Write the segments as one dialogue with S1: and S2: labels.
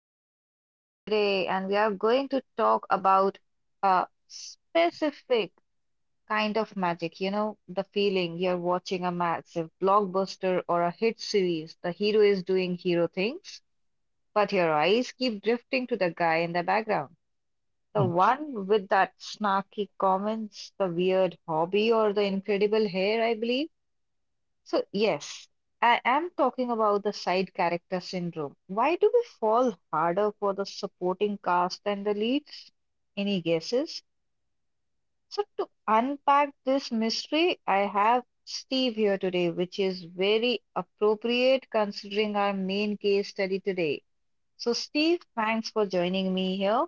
S1: I'm your host Jenny today, and we are going to talk about a specific kind of magic. You know, the feeling you're watching a massive blockbuster or a hit series. The hero is doing hero things, but your eyes keep drifting to the guy in the background. The one with that snarky comments, the weird hobby, or the incredible hair, I believe. So, yes, I am talking about the side character syndrome. Why do we fall harder for the supporting cast than the leads? Any guesses? So, to unpack this mystery, I have Steve here today, which is very appropriate considering our main case study today. So, Steve, thanks for joining me here.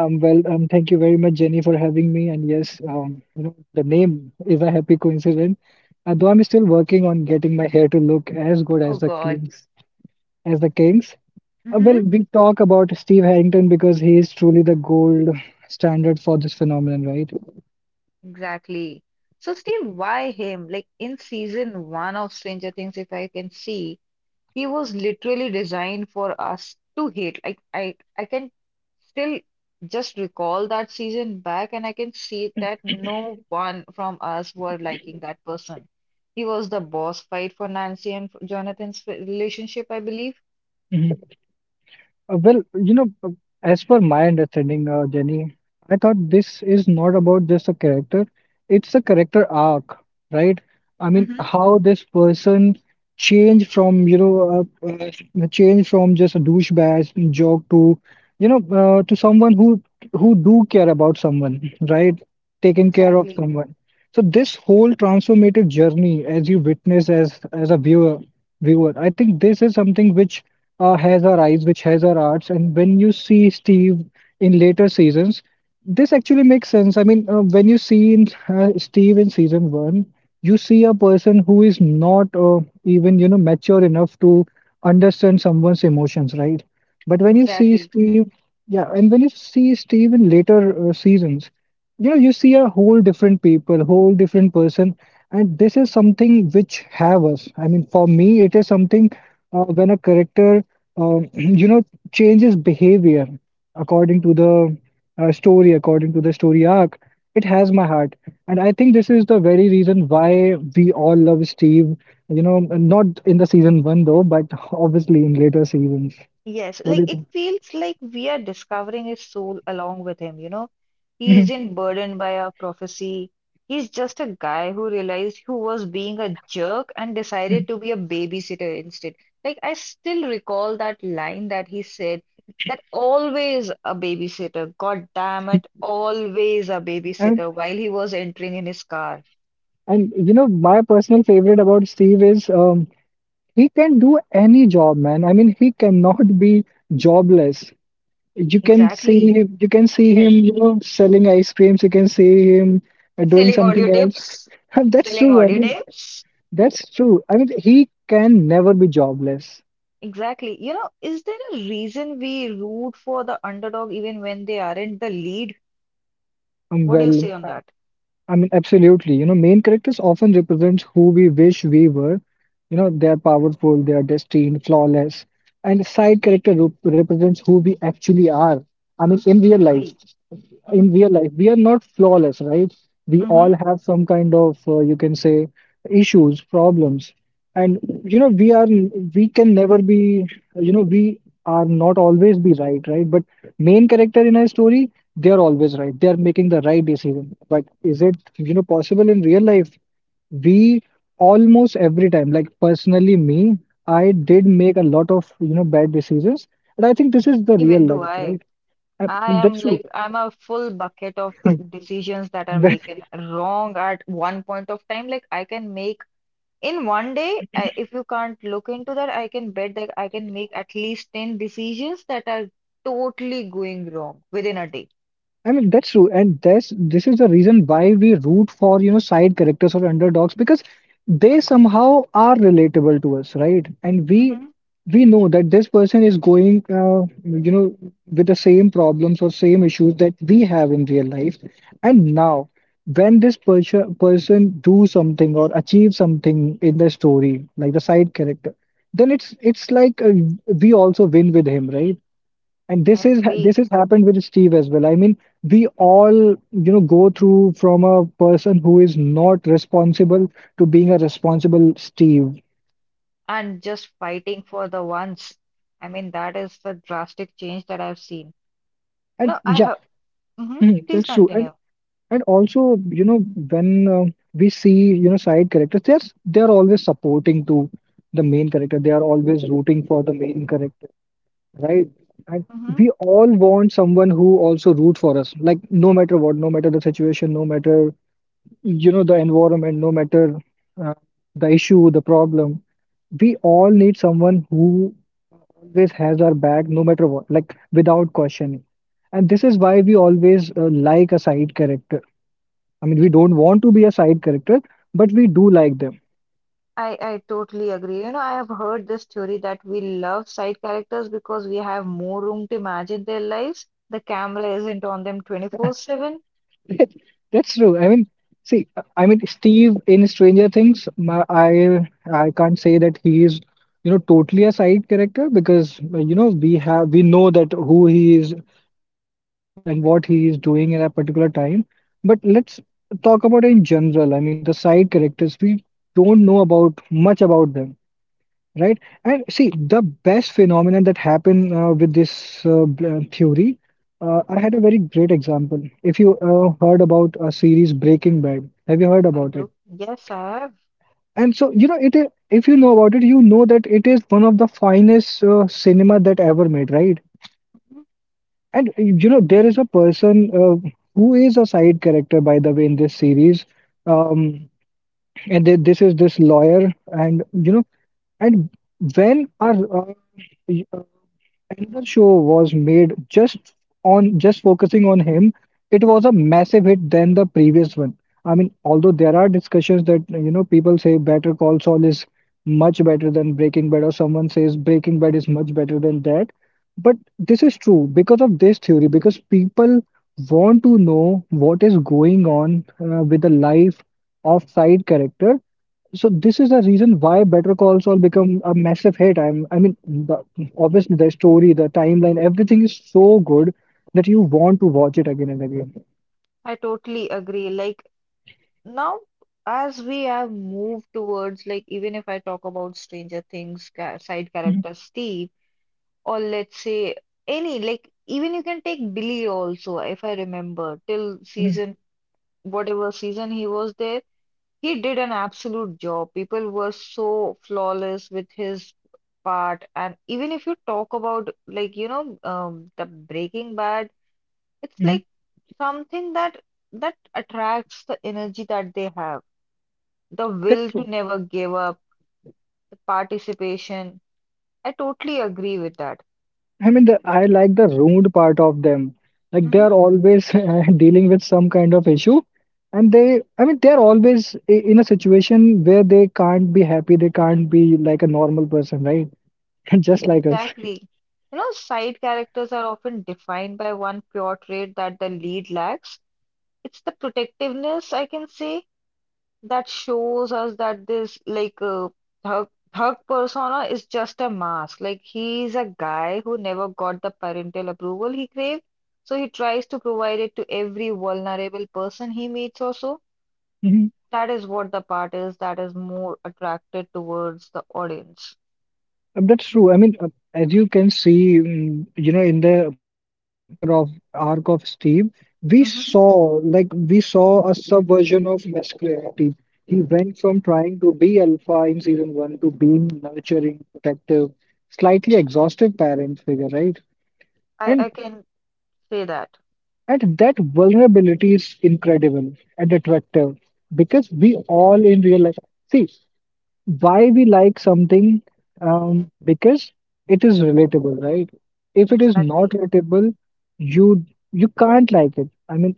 S2: Thank you very much, Jenny, for having me. And yes, the name is a happy coincidence. Though I'm still working on getting my hair to look as good
S1: Oh,
S2: as the
S1: God.
S2: Kings, as the Kings. Uh,
S1: Mm-hmm.
S2: well, we talk about Steve Harrington because he is truly the gold standard for this phenomenon, right?
S1: Exactly. So, Steve, why him? Like in season one of Stranger Things, if I can see. He was literally designed for us to hate. Like I can still just recall that season back, and I can see that no one from us were liking that person. He was the boss fight for Nancy and for relationship, I believe.
S2: Well, as per my understanding, Jenny, I thought this is not about just a character, it's a character arc, right? I mean,
S1: Mm-hmm.
S2: how this person change from just a douchebag joke to, you know, to someone who do care about someone, right? Taking care of
S1: Exactly,
S2: someone. So this whole transformative journey, as you witness as a viewer, I think this is something which has our eyes, which has our arts. And when you see Steve in later seasons, this actually makes sense. I mean, when you see Steve in season one, you see a person who is not even, mature enough to understand someone's emotions, right? But when you see
S1: exactly.
S2: Steve, yeah, and when you see Steve in later seasons, you see a whole different people, whole different person, and this is something which have us. I mean, for me, it is something when a character um, you know, changes behavior according to the story, according to the story arc. It has my heart, and I think this is the very reason why we all love Steve. Not in the season one though, but obviously in later seasons.
S1: Yes,
S2: What do
S1: like
S2: you think?
S1: it feels like we are discovering his soul along with him, you know. He
S2: Mhm,
S1: isn't burdened by a prophecy. He's just a guy who realized he was being a jerk and
S2: mhm.
S1: decided to be a babysitter instead. Like I still recall that line that he said that always a babysitter, God damn it, always a
S2: And
S1: babysitter while he was entering in his car.
S2: and my personal favorite about Steve is he can do any job, man. I mean, he cannot be jobless. You can see
S1: Exactly.
S2: him, you can see him,
S1: Yes.
S2: selling ice creams. You can see him doing
S1: Selling audio
S2: something else.
S1: tapes.
S2: That's
S1: Selling
S2: true. I
S1: audio
S2: mean,
S1: tapes.
S2: that's true. I mean, he can never be jobless.
S1: Exactly. You know, is there a reason we root for the underdog even when they aren't the lead?
S2: Um,
S1: What do you
S2: well,
S1: say on
S2: I,
S1: that?
S2: I mean, absolutely. Main characters often represent who we wish we were. They are powerful, they are destined, flawless, and side character represents who we actually are. I mean, in real life.
S1: Agreed. Hmm.
S2: In real life, we are not flawless, right? We
S1: Hmm.
S2: all have some kind of, you can say, issues, problems. And you know we are we can never be, we are not always be right, right? But main character in our story, they are always right, they are making the right decision. But is it, possible in real life? We, almost every time, like, personally me, I did make a lot of, bad decisions. And I think this is the real
S1: Even do
S2: life, right?
S1: I.
S2: Uh,
S1: I am
S2: that's true.
S1: like, I'm a full bucket of decisions that are making wrong at one point of time. Like, I can make in one day, I, if you can't look into that, I can bet that I can make at least 10 decisions that are totally going wrong within a day.
S2: I mean, that's true, and that's this is the reason why we root for, side characters or underdogs because they somehow are relatable to us, right? And we
S1: Hmm.
S2: we know that this person is going, with the same problems or same issues that we have in real life. And now, when this person do something or achieve something in the story, like the side character, then it's like we also win with him, right? And
S1: I
S2: this
S1: agree.
S2: has happened with Steve as well. I mean, we all, go through from a person who is not responsible to being a responsible Steve.
S1: And just fighting for the ones. I mean, that is the drastic change that I've seen.
S2: And
S1: No, I
S2: yeah,
S1: have. Hmm.
S2: mhm,
S1: Please
S2: that's true. And
S1: continue.
S2: and also, when we see, side characters, they're always supporting to the main character. They are always rooting for the main character, right? And
S1: Hmm.
S2: we all want someone who also root for us, like, no matter what, no matter the situation, no matter the environment, no matter uh, the issue, the problem. We all need someone who always has our back no matter what, like, without questioning. And this is why we always like a side character. I mean, we don't want to be a side character, but we do like them.
S1: I totally agree. You know, I have heard this theory that we love side characters because we have more room to imagine their lives. The camera isn't on them 24/7.
S2: That- That's true. I mean, see, Steve in Stranger Things, my, I can't say that he is, totally a side character because we know that who he is, and what he is doing at a particular time. But let's talk about it in general. I mean, the side characters, we don't know about much about them, right? And see, the best phenomenon that happened with this theory, I had a very great example. If you heard about a series Breaking Bad, have you heard
S1: I
S2: about it?
S1: do. Yes, I have.
S2: And so, if you know about it, you know that it is one of the finest cinema that ever made, right?
S1: Mhm.
S2: There is a person who is a side character, by the way, in this series. Um, and th this is this lawyer, and you know, and when our uh, another show was made just focusing on him. It was a massive hit than the previous one. I mean, although there are discussions that people say Better Call Saul is much better than Breaking Bad, or someone says Breaking Bad is much better than that. But this is true because of this theory, because people want to know what is going on with the life of side character. So this is the reason why Better Call Saul become a massive hit. I mean, obviously the story, the timeline, everything is so good that you want to watch it again and again.
S1: I totally agree. Like now, as we have moved towards, like, even if I talk about Stranger Things, side
S2: Mhm,
S1: character Steve. Or let's say any like even you can take Billy also if I remember till
S2: mhm,
S1: season whatever season he was there he did an absolute job people were so flawless with his part and even if you talk about like you know the Breaking Bad it's
S2: mhm.
S1: like something that that attracts the energy that they have the will
S2: That's
S1: to
S2: so.
S1: never give up the participation. I totally agree with that.
S2: I mean, I like the rude part of them. Like they
S1: Mm-hmm.
S2: are always dealing with some kind of issue, and they, I mean, they are always in a situation where they can't be happy. They can't be like a normal person, right? Just like us.
S1: Exactly. You know, side characters are often defined by one pure trait that the lead lacks. It's the protectiveness, I can say, that shows us that this thug thug persona is just a mask. Like he's a guy who never got the parental approval he craved, so he tries to provide it to every vulnerable person he meets also. That is what the part is that is more attracted towards the audience.
S2: That's true. I mean, as you can see, in the character of arc of Steve,
S1: Hmm.
S2: we saw a subversion of masculinity. He went from trying to be alpha in season one to being nurturing, protective, slightly exhausted parent figure, right?
S1: I
S2: And
S1: I can say that.
S2: and that vulnerability is incredible and attractive because we all in real life see why we like something, because it is relatable, right? If it is not
S1: Exactly.
S2: relatable, you you can't like it. I mean,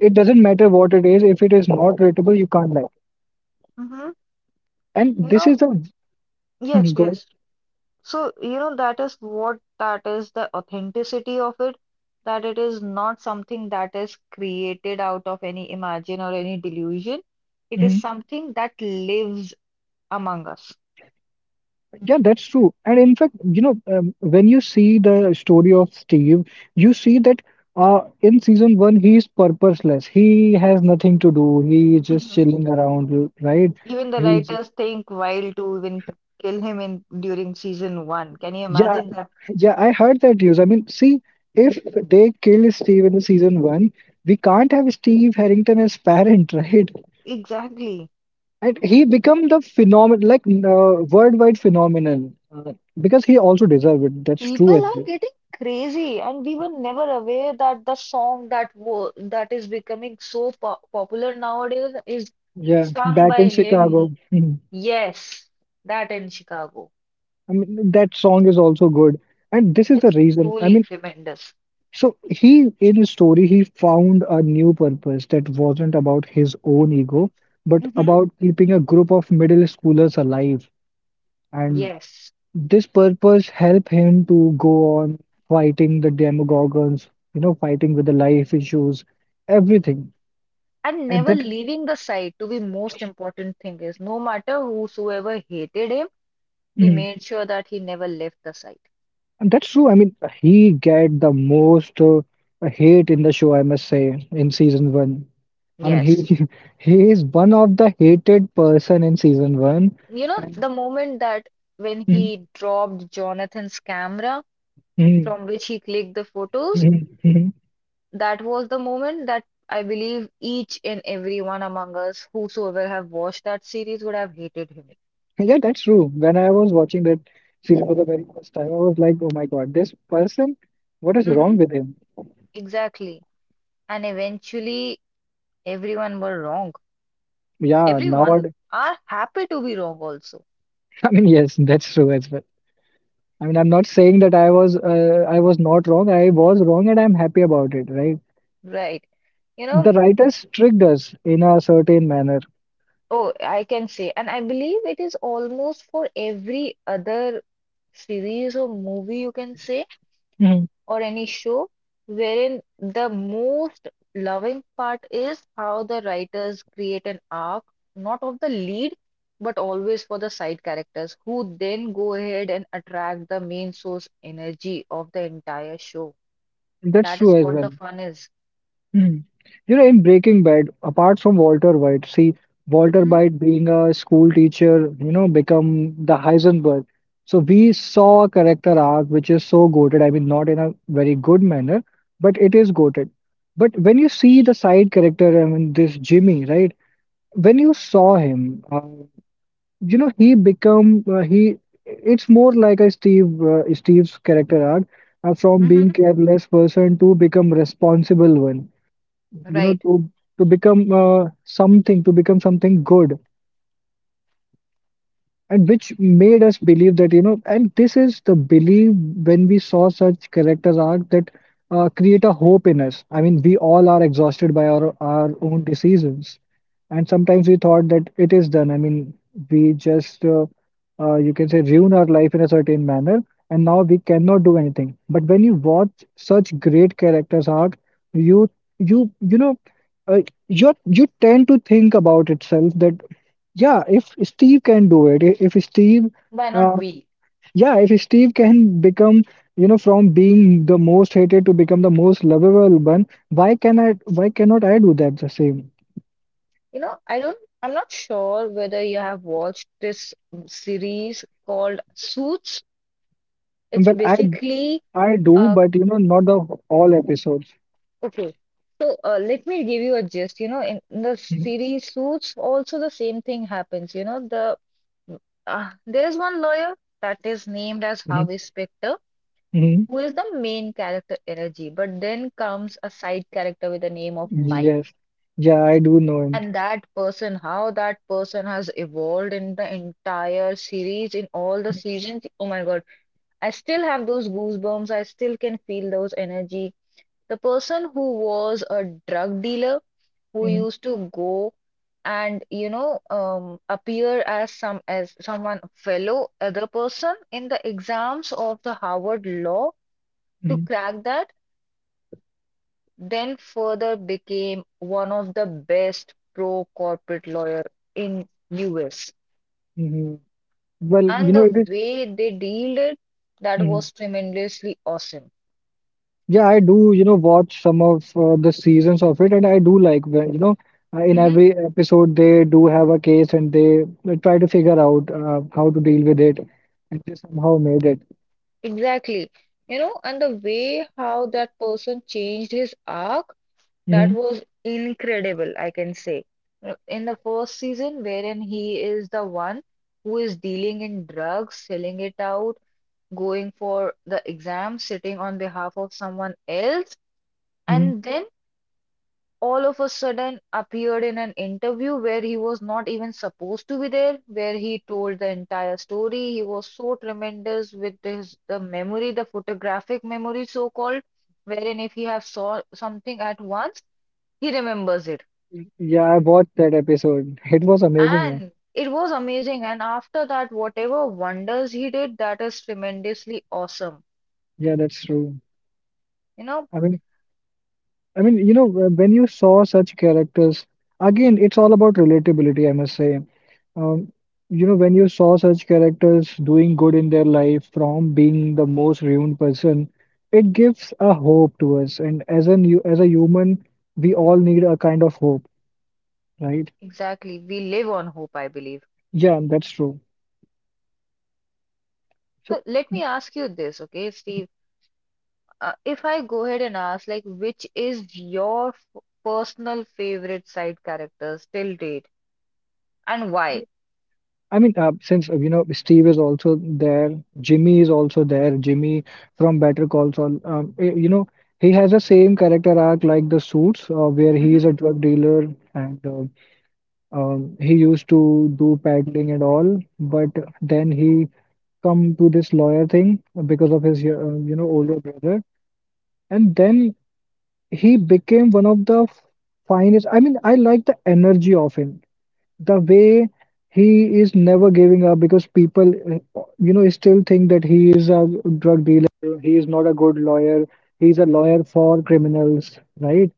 S2: it doesn't matter what it is, if it is not relatable, you can't like it.
S1: Mm-hmm.
S2: And
S1: You
S2: this
S1: know,
S2: is a
S1: yes,
S2: good.
S1: yes. So, you know, that is what that is the authenticity of it, that it is not something that is created out of any imagine or any delusion. It is
S2: Mhm.
S1: something that lives among us.
S2: Yeah, that's true. And in fact, when you see the story of Steve, you see that in season one, he is purposeless, he has nothing to do, he is just
S1: Mhm.
S2: chilling around, right?
S1: Even the
S2: He's.
S1: writers think wild to even kill him in during season one. Can you
S2: Yeah,
S1: imagine that?
S2: yeah, I heard that news. I mean, see, if they kill Steve in the season one, we can't have Steve Harrington as parent, right?
S1: Exactly.
S2: And he become the phenomenon, like, worldwide phenomenon, because he also deserved it. That's true
S1: People
S2: as
S1: are
S2: well.
S1: getting crazy, and we were never aware that the song that wo that is becoming so po popular nowadays is
S2: Yeah,
S1: sung
S2: back in
S1: by him.
S2: Chicago. Mhm.
S1: Yes, that in Chicago.
S2: I mean, that song is also good, and this is the
S1: It's
S2: reason. I
S1: truly
S2: mean,
S1: tremendous.
S2: so he, in his story, he found a new purpose that wasn't about his own ego, but
S1: Hmm.
S2: about keeping a group of middle schoolers alive. And
S1: Yes.
S2: this purpose helped him to go on fighting the demogorgons, fighting with the life issues, everything.
S1: And
S2: And
S1: never
S2: that.
S1: leaving the site to be most important thing is no matter whosoever hated him, he
S2: Mhm.
S1: made sure that he never left the site.
S2: And that's true. I mean, he get the most hate in the show, I must say, in season one. I mean,
S1: Yes.
S2: he he is one of the hated person in season one.
S1: You know, the moment that when
S2: Mhm,
S1: he dropped Jonathan's camera,
S2: mhm,
S1: from which he clicked the photos.
S2: mhm, mhm.
S1: That was the moment that I believe each and everyone among us, whosoever have watched that series, would have hated him.
S2: Yeah, that's true. When I was watching that series for the very first time, I was like, oh my God, this person, what is
S1: Mm-hmm.
S2: wrong with him?
S1: Exactly. And eventually, everyone were wrong.
S2: Yeah, now.
S1: Everyone are happy to be wrong also,
S2: I mean, yes, that's true as well. I mean, I'm not saying that I was not wrong. I was wrong and I'm happy about it, right?
S1: right? You
S2: The
S1: know,
S2: writers tricked us in a certain manner.
S1: oh, I can say, and I believe it is almost for every other series or movie, you can say.
S2: Mhm.
S1: Or any show wherein the most loving part is how the writers create an arc, not of the lead, but always for the side characters, who then go ahead and attract the main source energy of the entire show.
S2: That's
S1: That
S2: true
S1: is
S2: as
S1: what
S2: well.
S1: the fun is.
S2: Mm. In Breaking Bad, apart from Walter White, see, Walter
S1: Hmm.
S2: White being a school teacher, become the Heisenberg. So we saw a character arc which is so goated. I mean, not in a very good manner, but it is goated. But when you see the side character, I mean, this Jimmy, right? When you saw him, he become he. It's more like a Steve Steve's character arc from
S1: Hmm.
S2: being careless person to become responsible one, you know,
S1: Right.
S2: to become something, to become something good, and which made us believe that, you know, and this is the belief when we saw such characters arc that create a hope in us. I mean, we all are exhausted by our own decisions, and sometimes we thought that it is done. I mean, we just you can say ruin our life in a certain manner, and now we cannot do anything. But when you watch such great characters arc, you you you know uh, you you tend to think about itself that yeah, if Steve can do it, I- if Steve,
S1: Why not
S2: uh,
S1: we?
S2: yeah, if Steve can become, you know, from being the most hated to become the most lovable one, why can I, why cannot I do that the same?
S1: You know, I'm not sure whether you have watched this series called Suits. It's
S2: Well,
S1: basically
S2: I do,
S1: a—
S2: but you know, not the all episodes.
S1: Okay, so let me give you a gist. You know, in the
S2: Mhm,
S1: series Suits, also the same thing happens. You know, there is one lawyer that is named as
S2: mhm.
S1: Harvey Specter,
S2: Mhm.
S1: who is the main character energy, but then comes a side character with the name of Mike.
S2: Yes, yeah, I do know him.
S1: And that person, how that person has evolved in the entire series, in all the seasons. Oh my God, I still have those goosebumps. I still can feel those energy. The person who was a drug dealer who
S2: Mhm,
S1: used to go and you know appear as someone fellow other person in the exams of the Harvard law to
S2: mhm,
S1: crack that, then further became one of the best pro corporate lawyer in US.
S2: mhm. Well, you
S1: And
S2: know, it
S1: the
S2: is.
S1: way they dealt it, that
S2: Mm-hmm.
S1: was tremendously awesome.
S2: Yeah, I do, you know, watch some of the seasons of it, and I do like when, you know, in
S1: Hmm.
S2: every episode they do have a case, and they try to figure out how to deal with it, and they somehow made it.
S1: Exactly. You know, and the way how that person changed his arc. That
S2: Hmm.
S1: was incredible, I can say. In the first season, wherein he is the one who is dealing in drugs, selling it out, going for the exam, sitting on behalf of someone else,
S2: Hmm.
S1: and then all of a sudden appeared in an interview where he was not even supposed to be there, where he told the entire story. He was so tremendous with his the memory, the photographic memory, so called, wherein if he have saw something at once, he remembers it.
S2: Yeah, I watched that episode. It was amazing, man.
S1: And it was amazing. And after that, whatever wonders he did, that is tremendously awesome.
S2: Yeah, that's true.
S1: You know,
S2: I mean, I mean, you know, when you saw such characters, again, it's all about relatability, I must say. Um, you know, when you saw such characters doing good in their life from being the most ruined person, it gives a hope to us. And as a new, as a human, we all need a kind of hope, right?
S1: exactly. We live on hope, I believe.
S2: Yeah, that's true. So
S1: So let me ask you this, okay, Steve? If I go ahead and ask, like, which is your f personal favorite side characters till date and why?
S2: I mean, since you know Steve is also there, Jimmy is also there. Jimmy from Better Call Saul, you know, he has the same character arc like the Suits, where he
S1: Hmm.
S2: is a drug dealer and he used to do peddling and all, but then he come to this lawyer thing because of his you know older brother, and then he became one of the finest. I mean, I like the energy of him, the way he is never giving up because people you know still think that he is a drug dealer, he is not a good lawyer, he's a lawyer for criminals, right?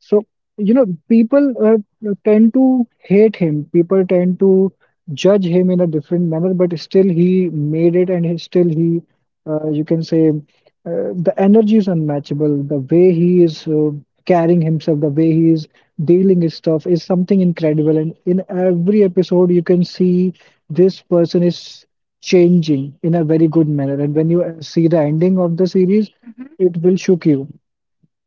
S2: So, you know, people tend to hate him. People tend to judge him in a different manner, but still he made it, and he you can say, the energy is unmatchable. The way he is carrying himself, the way he is dealing his stuff is something incredible. And in every episode, you can see this person is changing in a very good manner. And when you see the ending of the series,
S1: Hmm.
S2: it will shook you.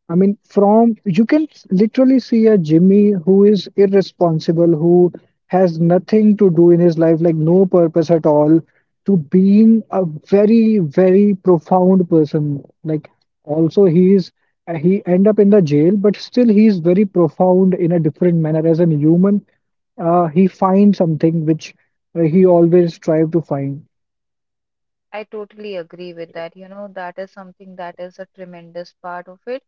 S2: I mean, from you can literally see a Jimmy who is irresponsible, who has nothing to do in his life, like no purpose at all, to being a very, very profound person. Like also he end up in the jail, but still he's very profound in a different manner. As an human, he finds something which he always strive to find.
S1: I totally agree with that. You know, that is something that is a tremendous part of it.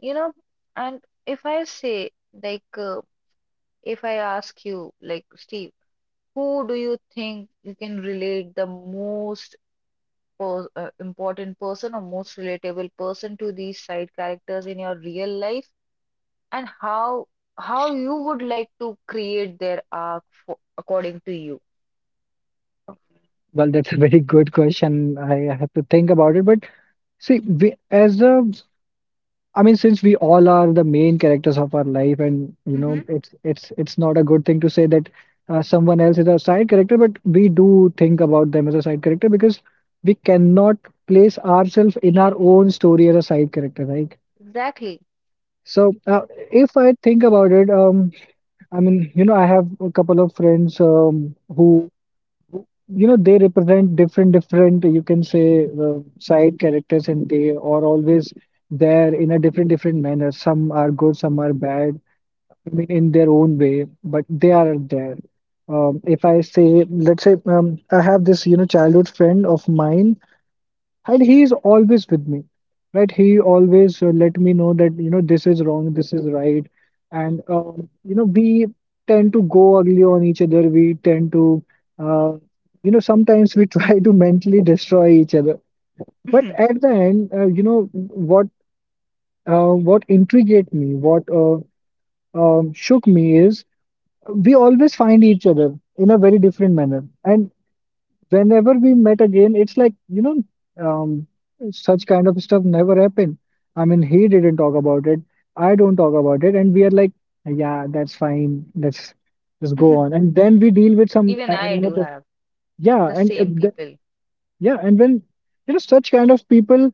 S1: You know, and if I say, like, uh, if I ask you, like Steve, who do you think you can relate the most per important person or most relatable person to these side characters in your real life, and how you would like to create their arc for, according to you?
S2: Well, that's a very good question. I have to think about it. But see, I mean, since we all are the main characters of our life, and you know,
S1: Mm-hmm.
S2: it's not a good thing to say that someone else is a side character, but we do think about them as a side character because we cannot place ourselves in our own story as a side character, right?
S1: Exactly.
S2: So, if I think about it, I mean, you know, I have a couple of friends who, you know, they represent different, different, you can say, side characters, and they are always there in a different, different manner. Some are good, some are bad. I mean, in their own way, but they are there. If I say, let's say, I have this, you know, childhood friend of mine, and he is always with me, right? He always let me know that, you know, this is wrong, this is right. And you know, we tend to go ugly on each other. We tend to uh, you know, sometimes we try to mentally destroy each other, but
S1: Mm-hmm.
S2: at the end you know what, what intrigued me what shook me is we always find each other in a very different manner, and whenever we met again, it's like, you know, um, such kind of stuff never happened. I mean, he didn't talk about it. I don't talk about it. And we are like, yeah, that's fine. Let's just go on. And then we deal with some
S1: Even I do
S2: another.
S1: have
S2: Yeah.
S1: the same
S2: And
S1: people.
S2: yeah, and when you know such kind of people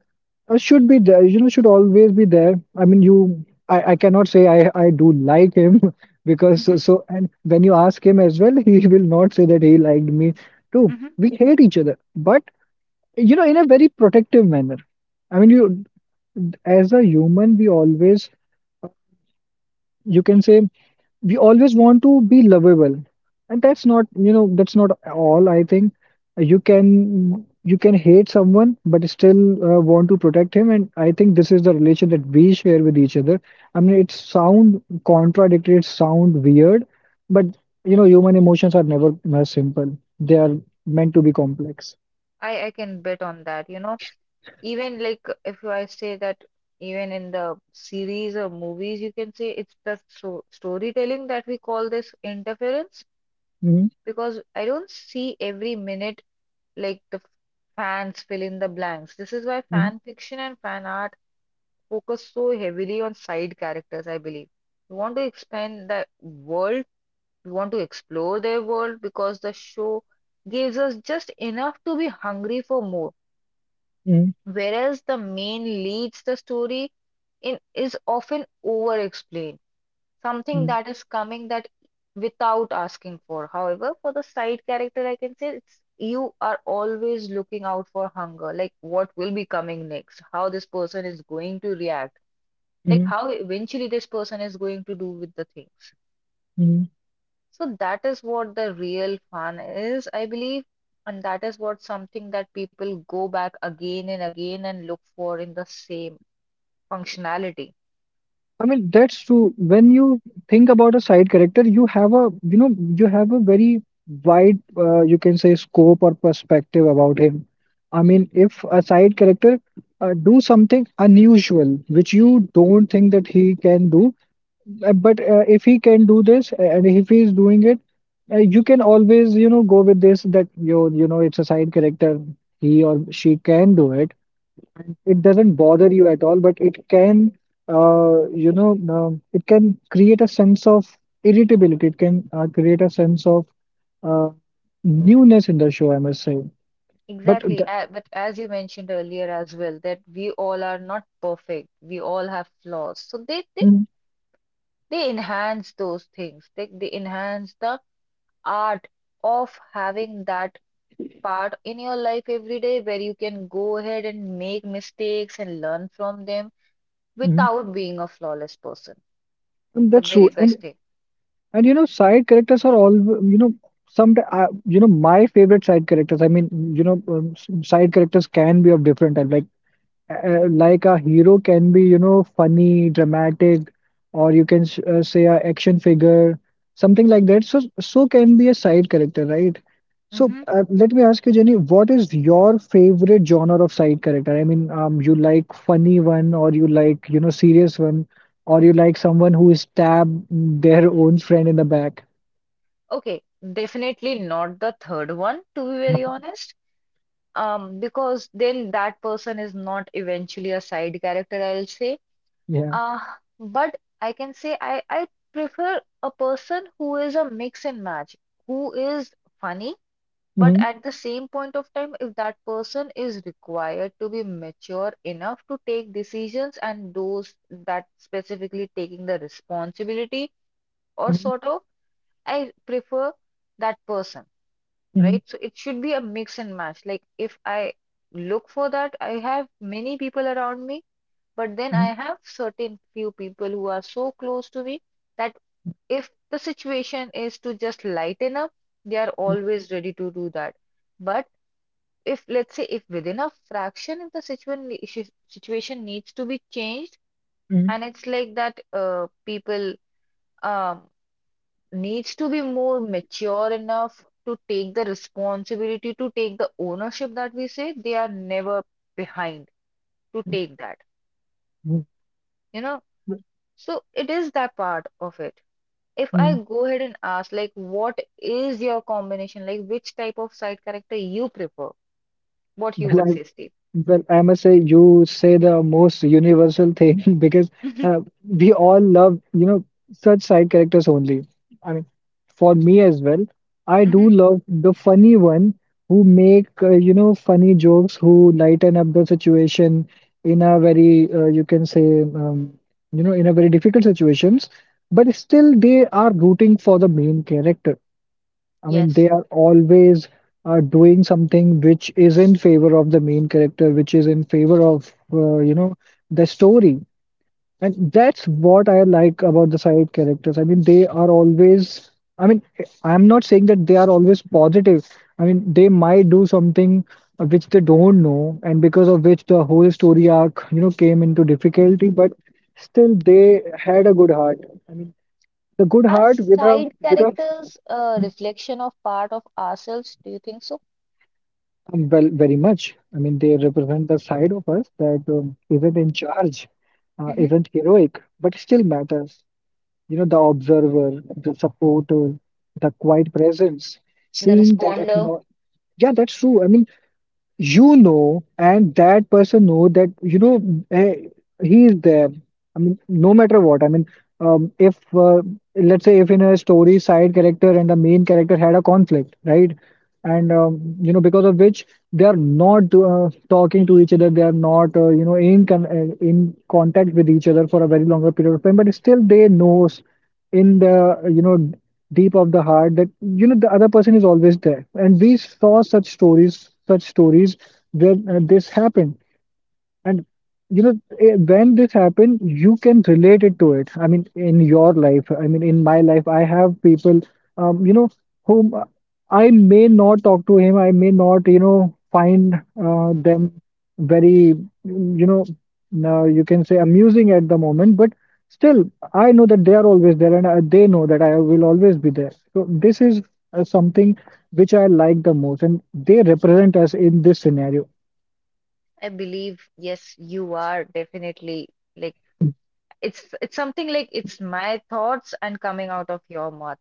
S2: should be there, you know, should always be there. I mean, I cannot say I do like him because
S1: Hmm.
S2: and when you ask him as well, he will not say that he liked me too.
S1: Hmm.
S2: We hate each other, but you know, in a very protective manner. I mean, you as a human, we always, you can say, we always want to be lovable, and that's not, you know, that's not all. I think you can hate someone, but still want to protect him, and I think this is the relation that we share with each other. I mean, it sound contradictory, it sound weird, but you know, human emotions are never simple. They are meant to be complex.
S1: I can bet on that, you know. Even like if I say that even in the series or movies, you can say it's the so storytelling that we call this interference
S2: Mm-hmm,
S1: because I don't see every minute like fans fill in the blanks. This is why
S2: mm-hmm,
S1: fan fiction and fan art focus so heavily on side characters, I believe. We want to expand the world, we want to explore their world because the show gives us just enough to be hungry for more. Whereas the main leads the story in is often over-explained, something
S2: mm-hmm.
S1: that is coming that without asking for. However, for the side character, I can say it's you are always looking out for hunger, like what will be coming next, how this person is going to react, like
S2: Mm-hmm.
S1: how eventually this person is going to do with the things.
S2: Mm-hmm.
S1: So that is what the real fun is, I believe, and that is what something that people go back again and again and look for in the same functionality.
S2: I mean, that's true. When you think about a side character, you have a, you know, you have a very wide, you can say, scope or perspective about him. I mean, if a side character do something unusual, which you don't think that he can do, but if he can do this and if he is doing it, you can always, you know, go with this that you know, it's a side character. He or she can do it, it doesn't bother you at all, but it can, you know, it can create a sense of irritability. It can create a sense of uh, newness in the show, I must say. But
S1: Exactly.
S2: the,
S1: But as you mentioned earlier as well, that we all are not perfect. We all have flaws. So
S2: mm,
S1: they enhance those things. They enhance the art of having that part in your life every day where you can go ahead and make mistakes and learn from them
S2: mm,
S1: without being a flawless person.
S2: and
S1: The
S2: that's true.
S1: very best thing.
S2: And you know, side characters are all, you know, some you know, my favorite side characters. I mean, you know, side characters can be of different type. Like a hero can be, you know, funny, dramatic, or you can sh say a action figure, something like that. So, so can be a side character, right? So,
S1: Hmm.
S2: let me ask you, Jenny, what is your favorite genre of side character? I mean, you like funny one, or you like, you know, serious one, or you like someone who stab their own friend in the back?
S1: Okay, definitely not the third one, to be very honest. Because then that person is not eventually a side character, I'll say.
S2: Yeah.
S1: Uh, but I can say I prefer a person who is a mix and match, who is funny, but
S2: Mm-hmm.
S1: at the same point of time, if that person is required to be mature enough to take decisions and those that specifically taking the responsibility or
S2: Mm-hmm.
S1: sort of, I prefer that person,
S2: Mm-hmm.
S1: right? So it should be a mix and match. Like if I look for that, I have many people around me, but then I have certain few people who are so close to me that if the situation is to just lighten up, they are
S2: Mm-hmm.
S1: always ready to do that. But if let's say if within a fraction, if the situation needs to be changed, and it's like that, people um needs to be more mature enough to take the responsibility, to take the ownership that we say, they are never behind to take that,
S2: Mm-hmm.
S1: you know. So it is that part of it. If I go ahead and ask, like, what is your combination? Like, which type of side character you prefer? What you will
S2: Mm-hmm.
S1: say, Steve?
S2: Well, I must say you say the most universal thing because
S1: Hmm.
S2: uh, we all love, you know, such side characters only. I mean, for me as well, I do
S1: Hmm.
S2: love the funny one who make, you know, funny jokes, who lighten up the situation in a very, you can say, you know, in a very difficult situations, but still they are rooting for the main character. I mean,
S1: Yes.
S2: they are always doing something which is in favor of the main character, which is in favor of, you know, the story. And that's what I like about the side characters. I mean, they are always, I mean, I'm not saying that they are always positive. I mean, they might do something which they don't know, and because of which the whole story arc, you know, came into difficulty, but still they had a good heart. I mean, the good
S1: Are
S2: heart
S1: side
S2: with a
S1: characters a reflection of part of ourselves? Do you think so?
S2: Well, very much. I mean, they represent the side of us that isn't in charge,
S1: Hmm.
S2: isn't heroic, but still matters. You know, the observer, the supporter, the quiet presence,
S1: The
S2: seeing that,
S1: responder.
S2: yeah, that's true. I mean, and that person know that, eh, he is there, no matter what. I mean if Let's say if in a story side character and the main character had a conflict, right? and you know Because of which they are not talking to each other, they are not, in con in contact with each other for a very longer period of time, but still they knows in the, you know deep of the heart, that the other person is always there. And we saw such stories, where this happened. And when this happened, you can relate it to it. I mean, in your life, I mean, in my life, I have people, um, you know, whom I may not talk to him. I may not, find them very, mm, you know, now you can say amusing at the moment. But still, I know that they are always there, and they know that I will always be there. So this is something which I like the most, and they represent us in this scenario.
S1: I believe, yes, you are definitely like it's something like it's my thoughts and coming out of your mouth.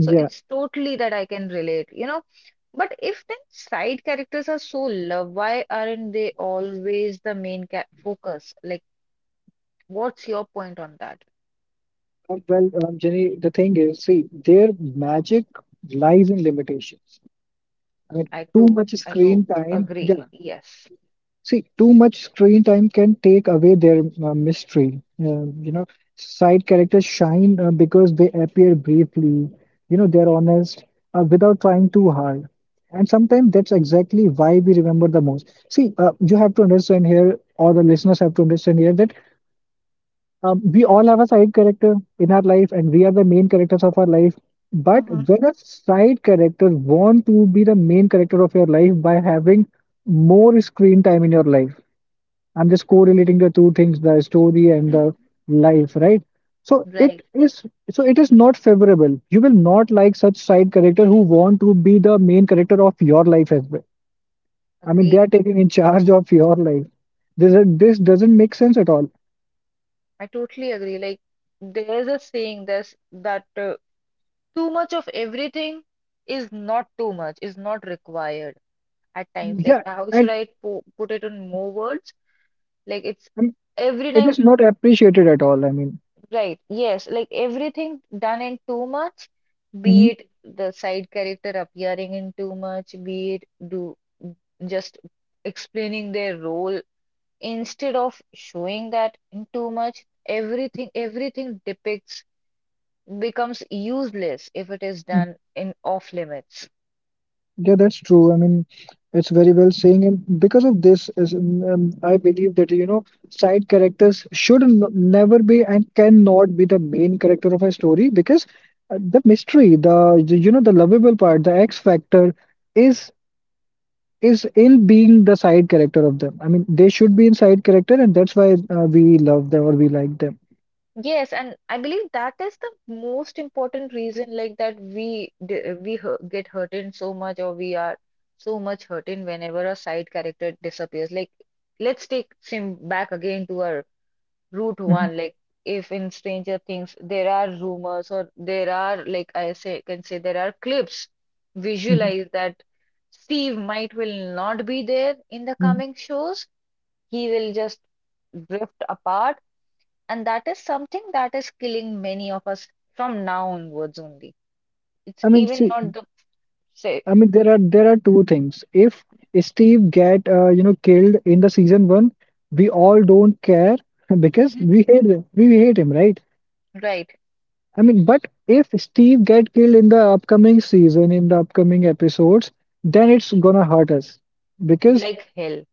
S1: So it's totally that I can relate, you know. But if then side characters are so loved, why aren't they always the main ca focus? Like, what's your point on that?
S2: Well, Jenny, the thing is, see, their magic lies in limitations. I mean,
S1: I
S2: too
S1: do,
S2: much
S1: I do
S2: screen time, yeah.
S1: agree. Yes.
S2: See, too much screen time can take away their mystery. Side characters shine because they appear briefly. You know, they're honest without trying too hard. And sometimes that's exactly why we remember the most. See, you have to understand here, or the listeners have to understand here, that we all have a side character in our life, and we are the main characters of our life. But
S1: Hmm.
S2: when a side character want to be the main character of your life by having more screen time in your life, I'm just correlating the two things, the story and the life, right? So it
S1: Right,
S2: is so it is not favorable. You will not like such side character who want to be the main character of your life as well. I mean, they
S1: agreed.
S2: are taking in charge of your life. This doesn't make sense at all.
S1: I totally agree. Like there's a saying there's that, too much of everything is not too much, is not required at times. Like,
S2: Yeah,
S1: how should
S2: and
S1: I po put it in more words? Like, it's every
S2: it
S1: time,
S2: is not appreciated at all. I mean,
S1: right? Yes, like everything done in too much, be
S2: hmm,
S1: it the side character appearing in too much, be it do just explaining their role instead of showing that in too much, everything everything depicts becomes useless if it is done in off limits.
S2: yeah, that's true. I mean, it's very well saying, and because of this, is I believe that, side characters should n never be and cannot be the main character of a story, because the mystery, the, the lovable part, the X factor is is in being the side character of them. I mean, they should be in side character, and that's why we love them or we like them.
S1: Yes, and I believe that is the most important reason, like that we d- we hu- get hurt in so much, or we are so much hurt in whenever a side character disappears. Like, let's take Sim back again to our route one. Like, if in Stranger Things there are rumors, or there are like I say can say there are clips
S2: Mhm.
S1: visualize that Steve might will not be there in the
S2: Mhm.
S1: coming shows. He will just drift apart, and that is something that is killing many of us from now onwards only. It's
S2: I mean,
S1: even
S2: see,
S1: not the say.
S2: I mean, there are two things. If Steve get, killed in the season one, we all don't care because
S1: Mhm.
S2: we hate him. We hate him, right?
S1: Right.
S2: I mean, but if Steve get killed in the upcoming season, in the upcoming episodes, then it's gonna hurt us because.
S1: Like hell.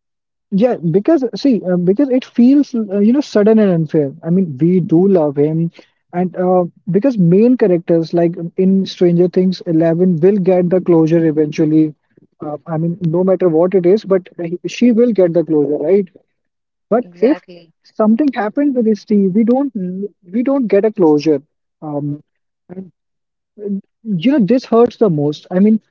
S2: Yeah, because see, because it feels, sudden and unfair. I mean, we do love him, and because main characters like in Stranger Things, Eleven will get the closure eventually. I mean, no matter what it is, but she will get the closure, right? But if
S1: Exactly.
S2: something happened with Steve, we don't get a closure. Um, this hurts the most. I mean,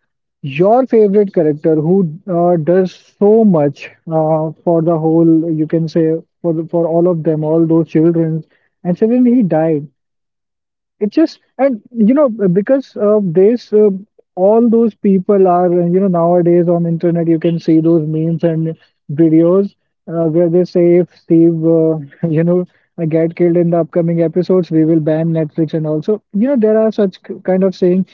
S2: your favorite character who does so much for the whole, you can say, for all of them, all those children, and suddenly he died. It just, and because of this, all those people are, nowadays on internet, you can see those memes and videos where they say if Steve, you know, uh, get killed in the upcoming episodes, we will ban Netflix. And also, there are such kind of sayings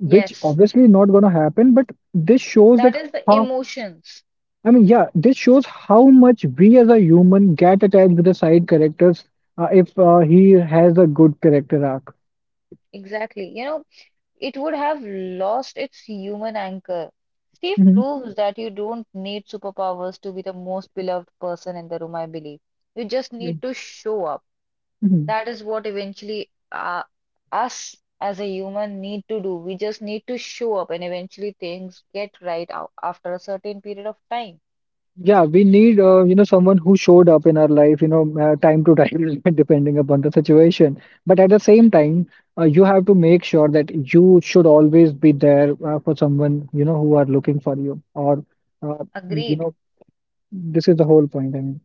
S2: which
S1: Yes,
S2: obviously not going to happen, but this shows that
S1: that is the
S2: how
S1: emotions.
S2: I mean yeah, this shows how much we as a human get attached with the side characters, if he has a good character arc.
S1: Exactly. You know, it would have lost its human anchor. Steve
S2: Hmm.
S1: proves that you don't need superpowers to be the most beloved person in the room, I believe. You just need to show up.
S2: Hmm.
S1: That is what eventually us as a human need to do. We just need to show up and eventually things get right out after a certain period of time.
S2: Yeah, we need, someone who showed up in our life, time to time depending upon the situation. But at the same time, you have to make sure that you should always be there, for someone, who are looking for you. Or uh, you
S1: Agreed.
S2: know This is the whole point,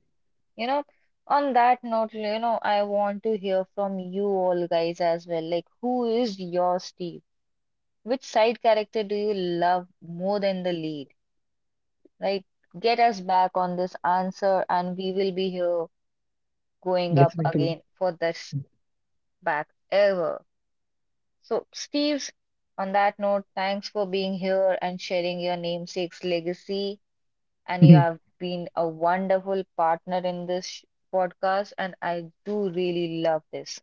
S1: You know, on that note, you know, I want to hear from you all guys as well. Like, who is your Steve? Which side character do you love more than the lead? Right? Get us back on this answer, and we will be here going up
S2: listening to you.
S1: again for this back ever. So, Steve, on that note, thanks for being here and sharing your namesake's legacy. And you have been a wonderful partner in this sh- podcast. And I do really love this.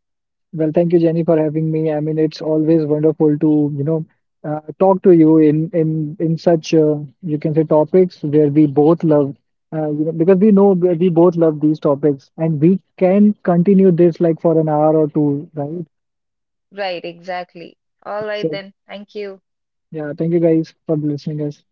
S2: Well, thank you, Jenny, for having me. I mean, it's always wonderful to, talk to you in such, you can say, topics where we both love, because we know we both love these topics, and we can continue this like for an hour or two, right?
S1: Right, exactly. All right,
S2: So,
S1: then. Thank you.
S2: yeah, thank you guys for listening us.